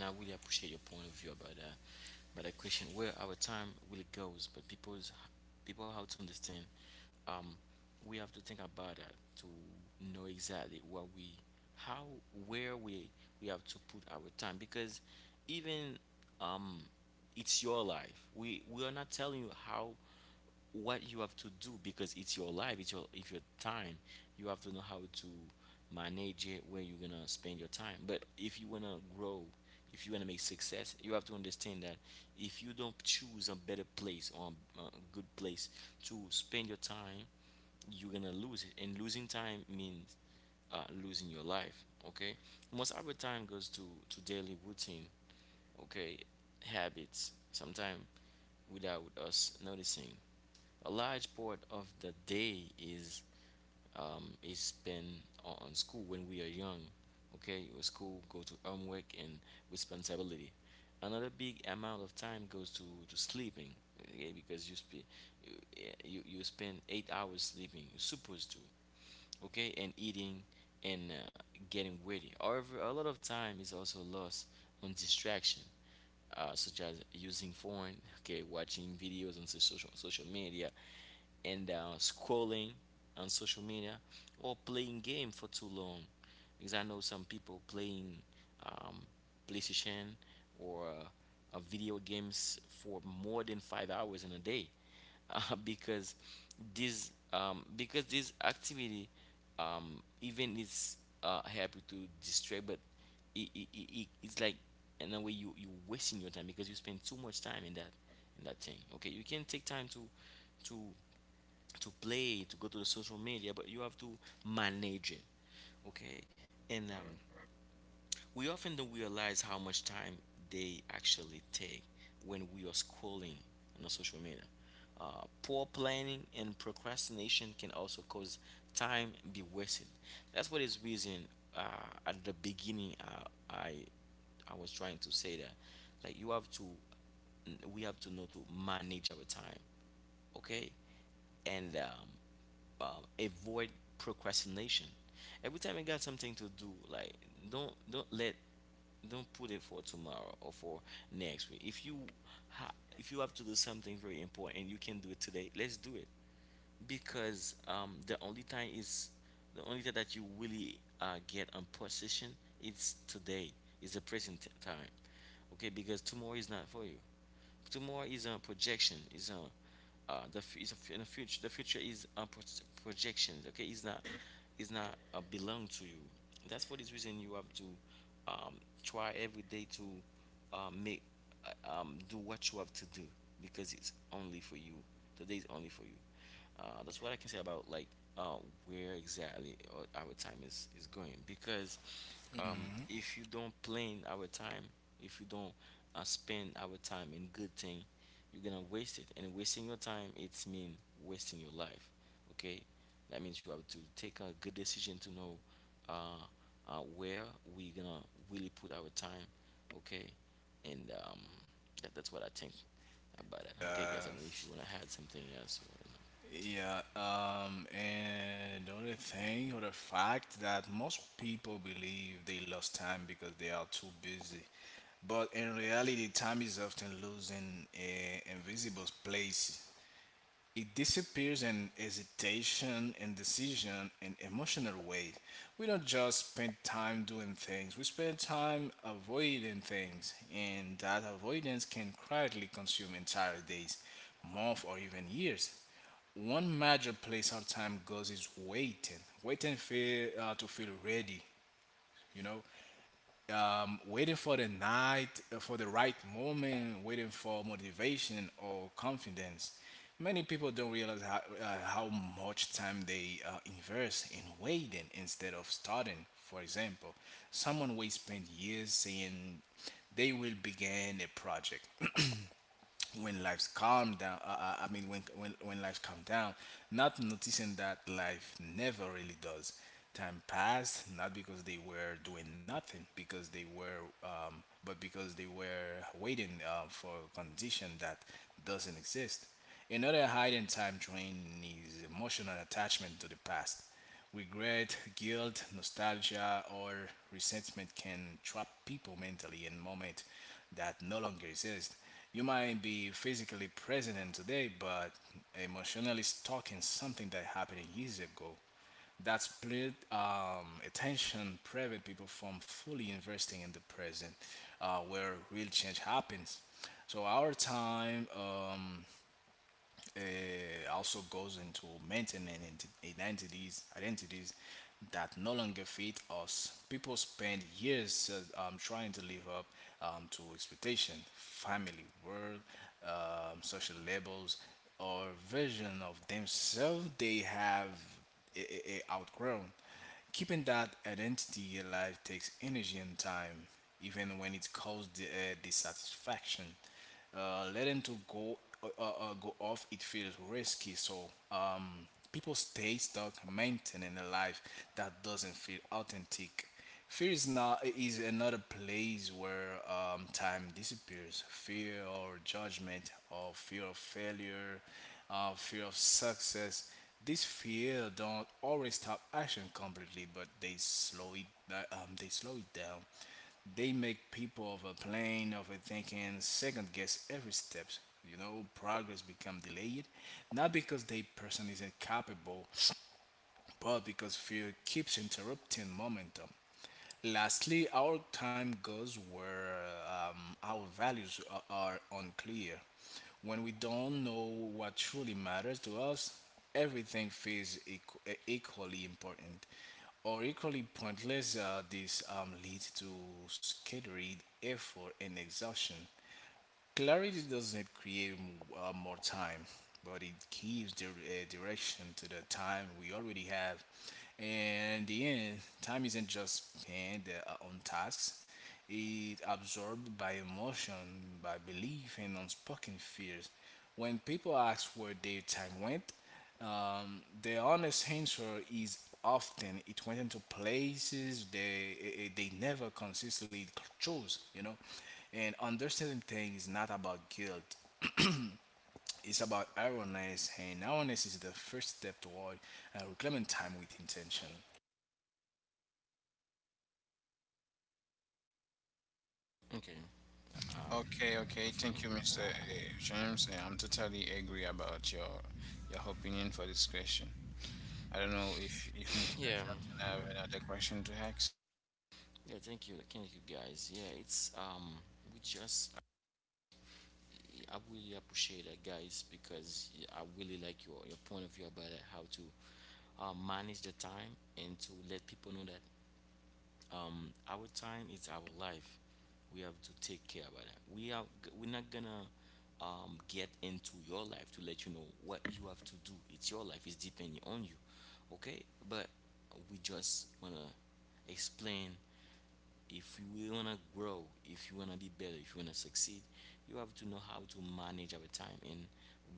and I really appreciate your point of view about that. But the question where our time really goes, but people have to understand. Um, we have to think about that to know exactly what we, how, where we have to put our time because even um, it's your life. We are not telling you how what you have to do because it's your life, it's your if your time. You have to know how to manage it, where you're gonna spend your time. But if you wanna grow, if you wanna make success, you have to understand that if you don't choose a better place or a good place to spend your time, you're gonna lose it. And losing time means losing your life. Okay, most of our time goes to daily routine. Okay, habits. Sometimes without us noticing a large part of the day is spent on school when we are young. Okay, with school, go to homework and responsibility. Another big amount of time goes to sleeping. Okay, because you, you spend eight hours sleeping. You're supposed to. Okay, and eating and getting ready. However, a lot of time is also lost on distraction, such as using phone, okay, watching videos on social media, and scrolling on social media, or playing game for too long because I know some people playing um, playstation or video games for more than five hours in a day uh, because because this activity, even is happy to distract, but it's like in a way you you wasting your time because you spend too much time in that, in that thing. Okay, you can take time to to to play, to go to the social media, but you have to manage it. Okay? And we often don't realize how much time they actually take when we are scrolling on the social media. Poor planning and procrastination can also cause time be wasted. That's what is reason, uh, at the beginning, I I was trying to say that, like, you have to, we have to know to manage our time. Okay? And avoid procrastination. Every time you got something to do, like, don't don't let don't put it for tomorrow or for next week. If you if you have to do something very important and you can do it today, let's do it because the only time that you really get on position is today, is the present time. Okay, because tomorrow is not for you, tomorrow is a projection, is a, the f- is a f- in the future, the future is a projection. Okay, it's not, it's not belong to you. That's for this reason you have to um, try every day to make do what you have to do because it's only for you, today is only for you. That's what I can say about, like, uh, where exactly our time is going. Because
Mhm.
if you don't plan our time, if you don't spend our time in good thing, you're gonna waste it. And wasting your time, it's mean wasting your life. Okay, that means you have to take a good decision to know, uh, where we're gonna really put our time. Okay, and that's what I think about it. Okay, guys,
Uh,
I don't know if you wanna add something else or not.
yeah, and the other thing, other fact that most people believe they lost time because they are too busy. But in reality, time is often lost in an invisible place. It disappears in hesitation and decision and emotional weight. We don't just spend time doing things, we spend time avoiding things, and that avoidance can quietly consume entire days, months, or even years. One major place our time goes is waiting, waiting for to feel ready. You know, waiting for the night, for the right moment, waiting for motivation or confidence. Many people don't realize how much time they invest in waiting instead of starting. For example, someone will spend years saying they will begin a project when lives calm down, I mean when lives calm down, not noticing that life never really does. Time passed not because they were doing nothing because they were but because they were waiting for a condition that doesn't exist. Another hidden time drain is emotional attachment to the past. Regret, guilt, nostalgia, or resentment can trap people mentally in moments that no longer exist. You might be physically present in today, but emotionally stuck in something that happened years ago. That split attention prevent people from fully investing in the present, where real change happens. So our time also goes into maintaining identities that no longer fit us. People spend years trying to live up to expectation, family, world, social labels, or version of themselves they have outgrown. Keeping that identity alive takes energy and time, even when it causes dissatisfaction. Letting to go go off it feels risky, so people stay stuck maintaining a life that doesn't feel authentic. Fear is not is another place where time disappears. Fear or judgment, or fear of failure, fear of success. These fear don't always stop action completely, but they slow it. They slow it down. They make people of a plane of a thinking second guess every step. You know, progress become delayed, not because the person isn't capable, but because fear keeps interrupting momentum. Lastly, our time goes where our values are unclear. When we don't know what truly matters to us, everything feels equally important or equally pointless. This leads to scattered effort and exhaustion. Clarity doesn't create more time, but it gives direction to the time we already have. And in the end, time isn't just spent on tasks, it's absorbed by emotion, by belief, and unspoken fears. When people ask where their time went, the honest answer is often it went into places they never consistently chose. And understanding things is not about guilt. It's about awareness, and awareness is the first step toward reclaiming time with intention.
Okay. Um,
Okay, okay.
perfect.
Thank you, Mr. James. I'm totally agree about your opinion for this question. I don't know if Mr.
Yeah.
Shelton have another question to ask.
Yeah. Thank you. Thank you, guys. Yeah. It's. We just. I really appreciate that, guys, because I really like your point of view about how to manage the time, and to let people know that our time is our life. We have to take care about it. We are we're not gonna get into your life to let you know what you have to do. It's your life, it's depending on you, okay? But we just wanna explain, if you wanna grow, if you wanna be better, if you wanna succeed, you have to know how to manage our time, and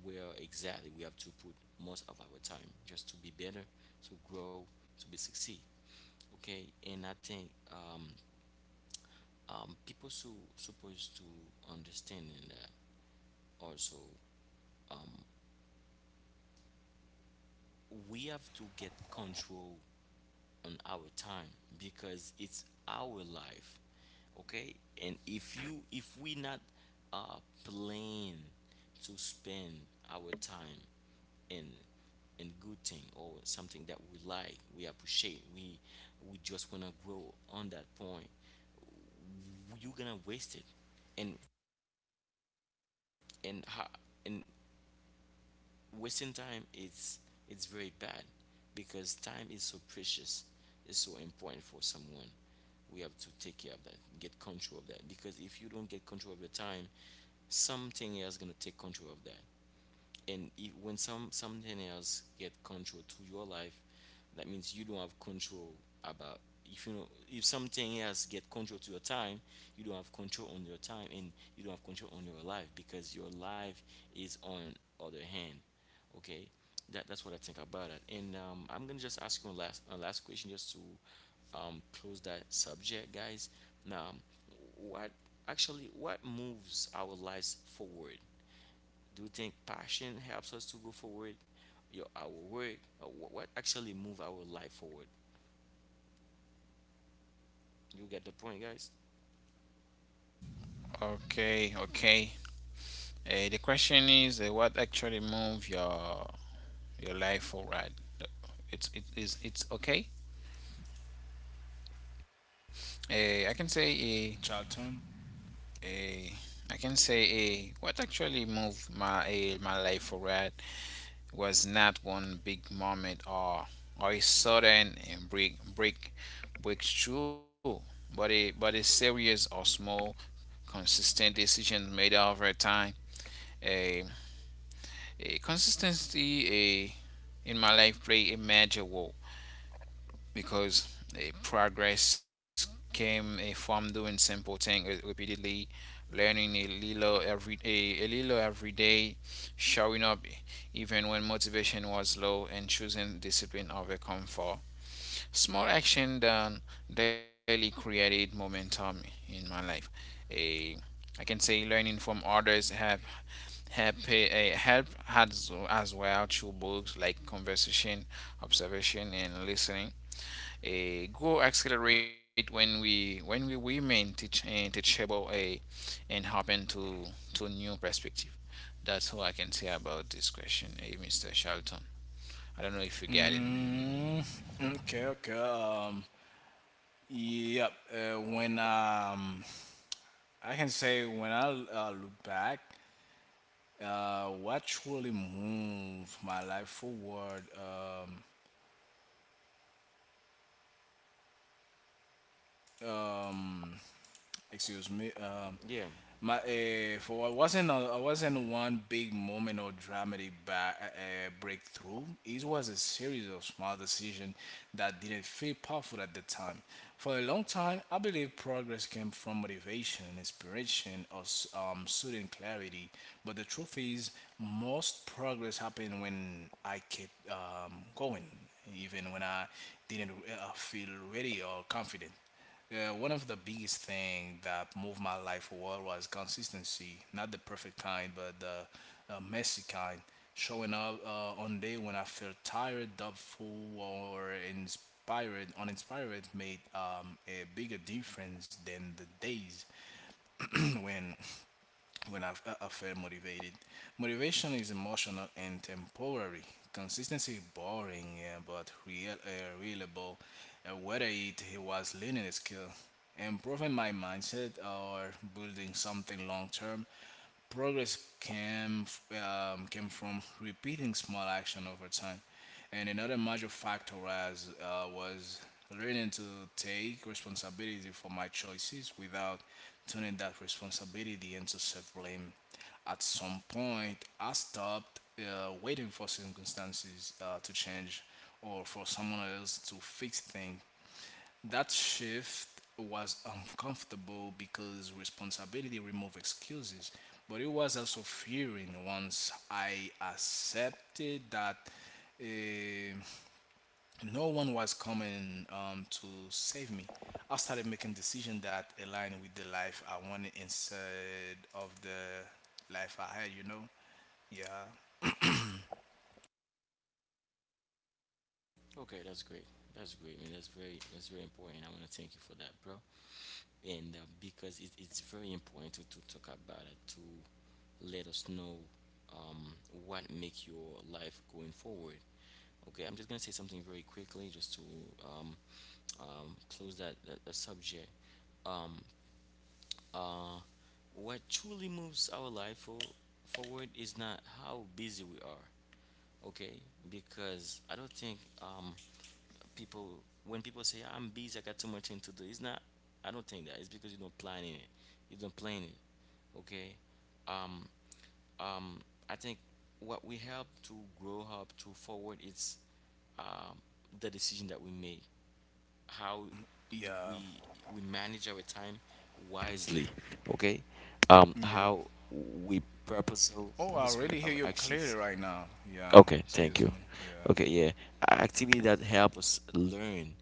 where exactly we have to put most of our time, just to be better, to grow, to be succeed, okay? And I think people so supposed to understand in that. Also, we have to get control on our time, because it's our life, okay? And if you, if we not uh plan to spend our time in in good thing, or something that we like, we appreciate, we just wanna grow on that point, you're gonna waste it. and and how, and wasting time is, it's very bad, because time is so precious, it's so important for someone. We have to take care of that, get control of that, because if you don't get control of your time, something else gonna take control of that. And if, when something else get control to your life, that means you don't have control about, if you know, if something else get control to your time, you don't have control on your time, and you don't have control on your life, because your life is on other hand, okay. That's what I think about it. And I'm gonna just ask you a last question, just to close that subject, guys. Now, what, actually what moves our lives forward? Do you think passion helps us to go forward, your, our work, or what actually move our life forward? You get the point, guys?
Okay, okay. The question is, what actually move your life forward? It's it is it's okay. I can say
Charlton.
a I can say a what actually moved my my life forward was not one big moment or a sudden breakthrough, but a series of small consistent decisions made over time. A a consistency a In my life played a major role, because a progress came from doing simple things repeatedly, learning a little every a little every day, showing up even when motivation was low, and choosing discipline over comfort. Small action done daily created momentum in my life. A I can say learning from others have help as well, through books like conversation, observation, and listening. A Grow accelerate when we women teach and teachable a and open to new perspective. That's all I can say about this question, Mr. Charlton. I don't know if you get it.
Mm, okay, okay. Yep. When I can say when I look back, what truly moved my life forward? Excuse me,
Yeah.
my for I wasn't I wasn't one big moment or dramatic breakthrough. It was a series of small decisions that didn't feel powerful at the time. For a long time, I believe progress came from motivation, inspiration, or sudden clarity. But the truth is, most progress happened when I kept going, even when I didn't feel ready or confident. Yeah, one of the biggest thing that moved my life forward was consistency. Not the perfect kind, but the messy kind. Showing up on day when I felt tired, doubtful, or inspired, uninspired made a bigger difference than the days when when I felt motivated. Motivation is emotional and temporary. Consistency is boring, yeah, but real, reliable. Whether it was learning a skill, improving my mindset, or building something long term, progress came from repeating small action over time. And another major factor was learning to take responsibility for my choices without turning that responsibility into self blame. At some point, I stopped waiting for circumstances to change or for someone else to fix things. That shift was uncomfortable because responsibility removed excuses, but it was also fearing once I accepted that. eh, no one was coming to save me. I started making decisions that aligned with the life I wanted instead of the life I had, you know? Yeah.
Okay, that's great. That's great, man. That's very, that's very important. I want to thank you for that, bro. And because it's very important to talk about it, to let us know um, what make your life going forward. Okay, I'm just gonna say something very quickly, just to um, close that subject. Um, Uh, what truly moves our life forward is not how busy we are, okay? Because I don't think people, when people say, I'm busy, I got too much thing to do, it's not, I don't think that. It's because you don't plan it, you don't plan it, okay? Um, um, I think what we help to grow up to forward is um, the decision that we make, how
Yeah.
we we manage our time wisely, okay. Um,
Yeah.
how we purposeful
Oh, I
purposeful
really hear
our
you clearly
actions.
right now. Yeah.
Okay, thank
Excuse me.
you.
Yeah.
Okay, yeah. Activity that help us learn,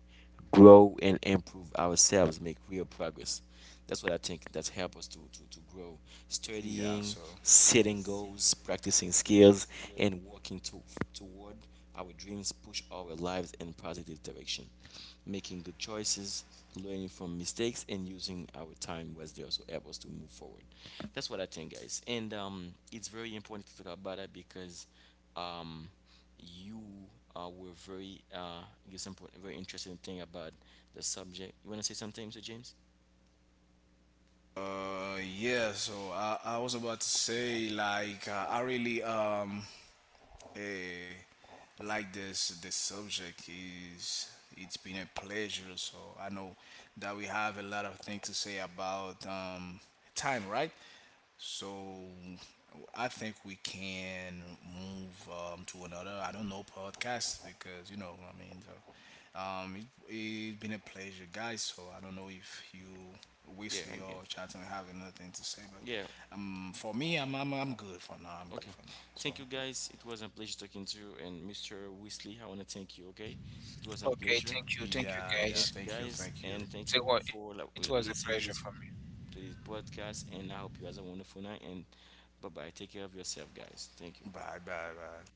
grow and improve ourselves make real progress. That's what I think that help us to grow,
Yeah, so.
studying, setting goals, practicing skills, and working toward our dreams, push our lives in positive direction. Making good choices, learning from mistakes, and using our time wisely also help us to move forward. That's what I think, guys. And it's very important to talk about that, because um, you were very, give some very interesting thing about the subject. You want to say something, Mr. James?
So I was about to say, like, I really, Eh, like this subject is it's been a pleasure. So I know that we have a lot of things to say about time, right? So I think we can move to another. I don't know, podcast because you know I mean. So, it's been a pleasure, guys. So I don't know if you
Yeah, I
Wesley
can.
or Chatham have anything to say,
Yeah.
but for me, I'm good for now. I'm good
Okay.
for now. So
Thank you, guys. It was a pleasure talking to you. And Mr. Weasley, I want to thank you, okay? It was a
Okay,
pleasure.
thank you,
yeah, yeah.
Thank
guys.
you,
Thank you.
guys,
Thank you.
and thank
It's a,
you
wa- it
for,
was a
like,
pleasure for
listening to
me.
this, to this podcast. And I hope you guys have a wonderful night. And bye bye. Take care of yourself, guys. Thank you.
Bye, bye, bye.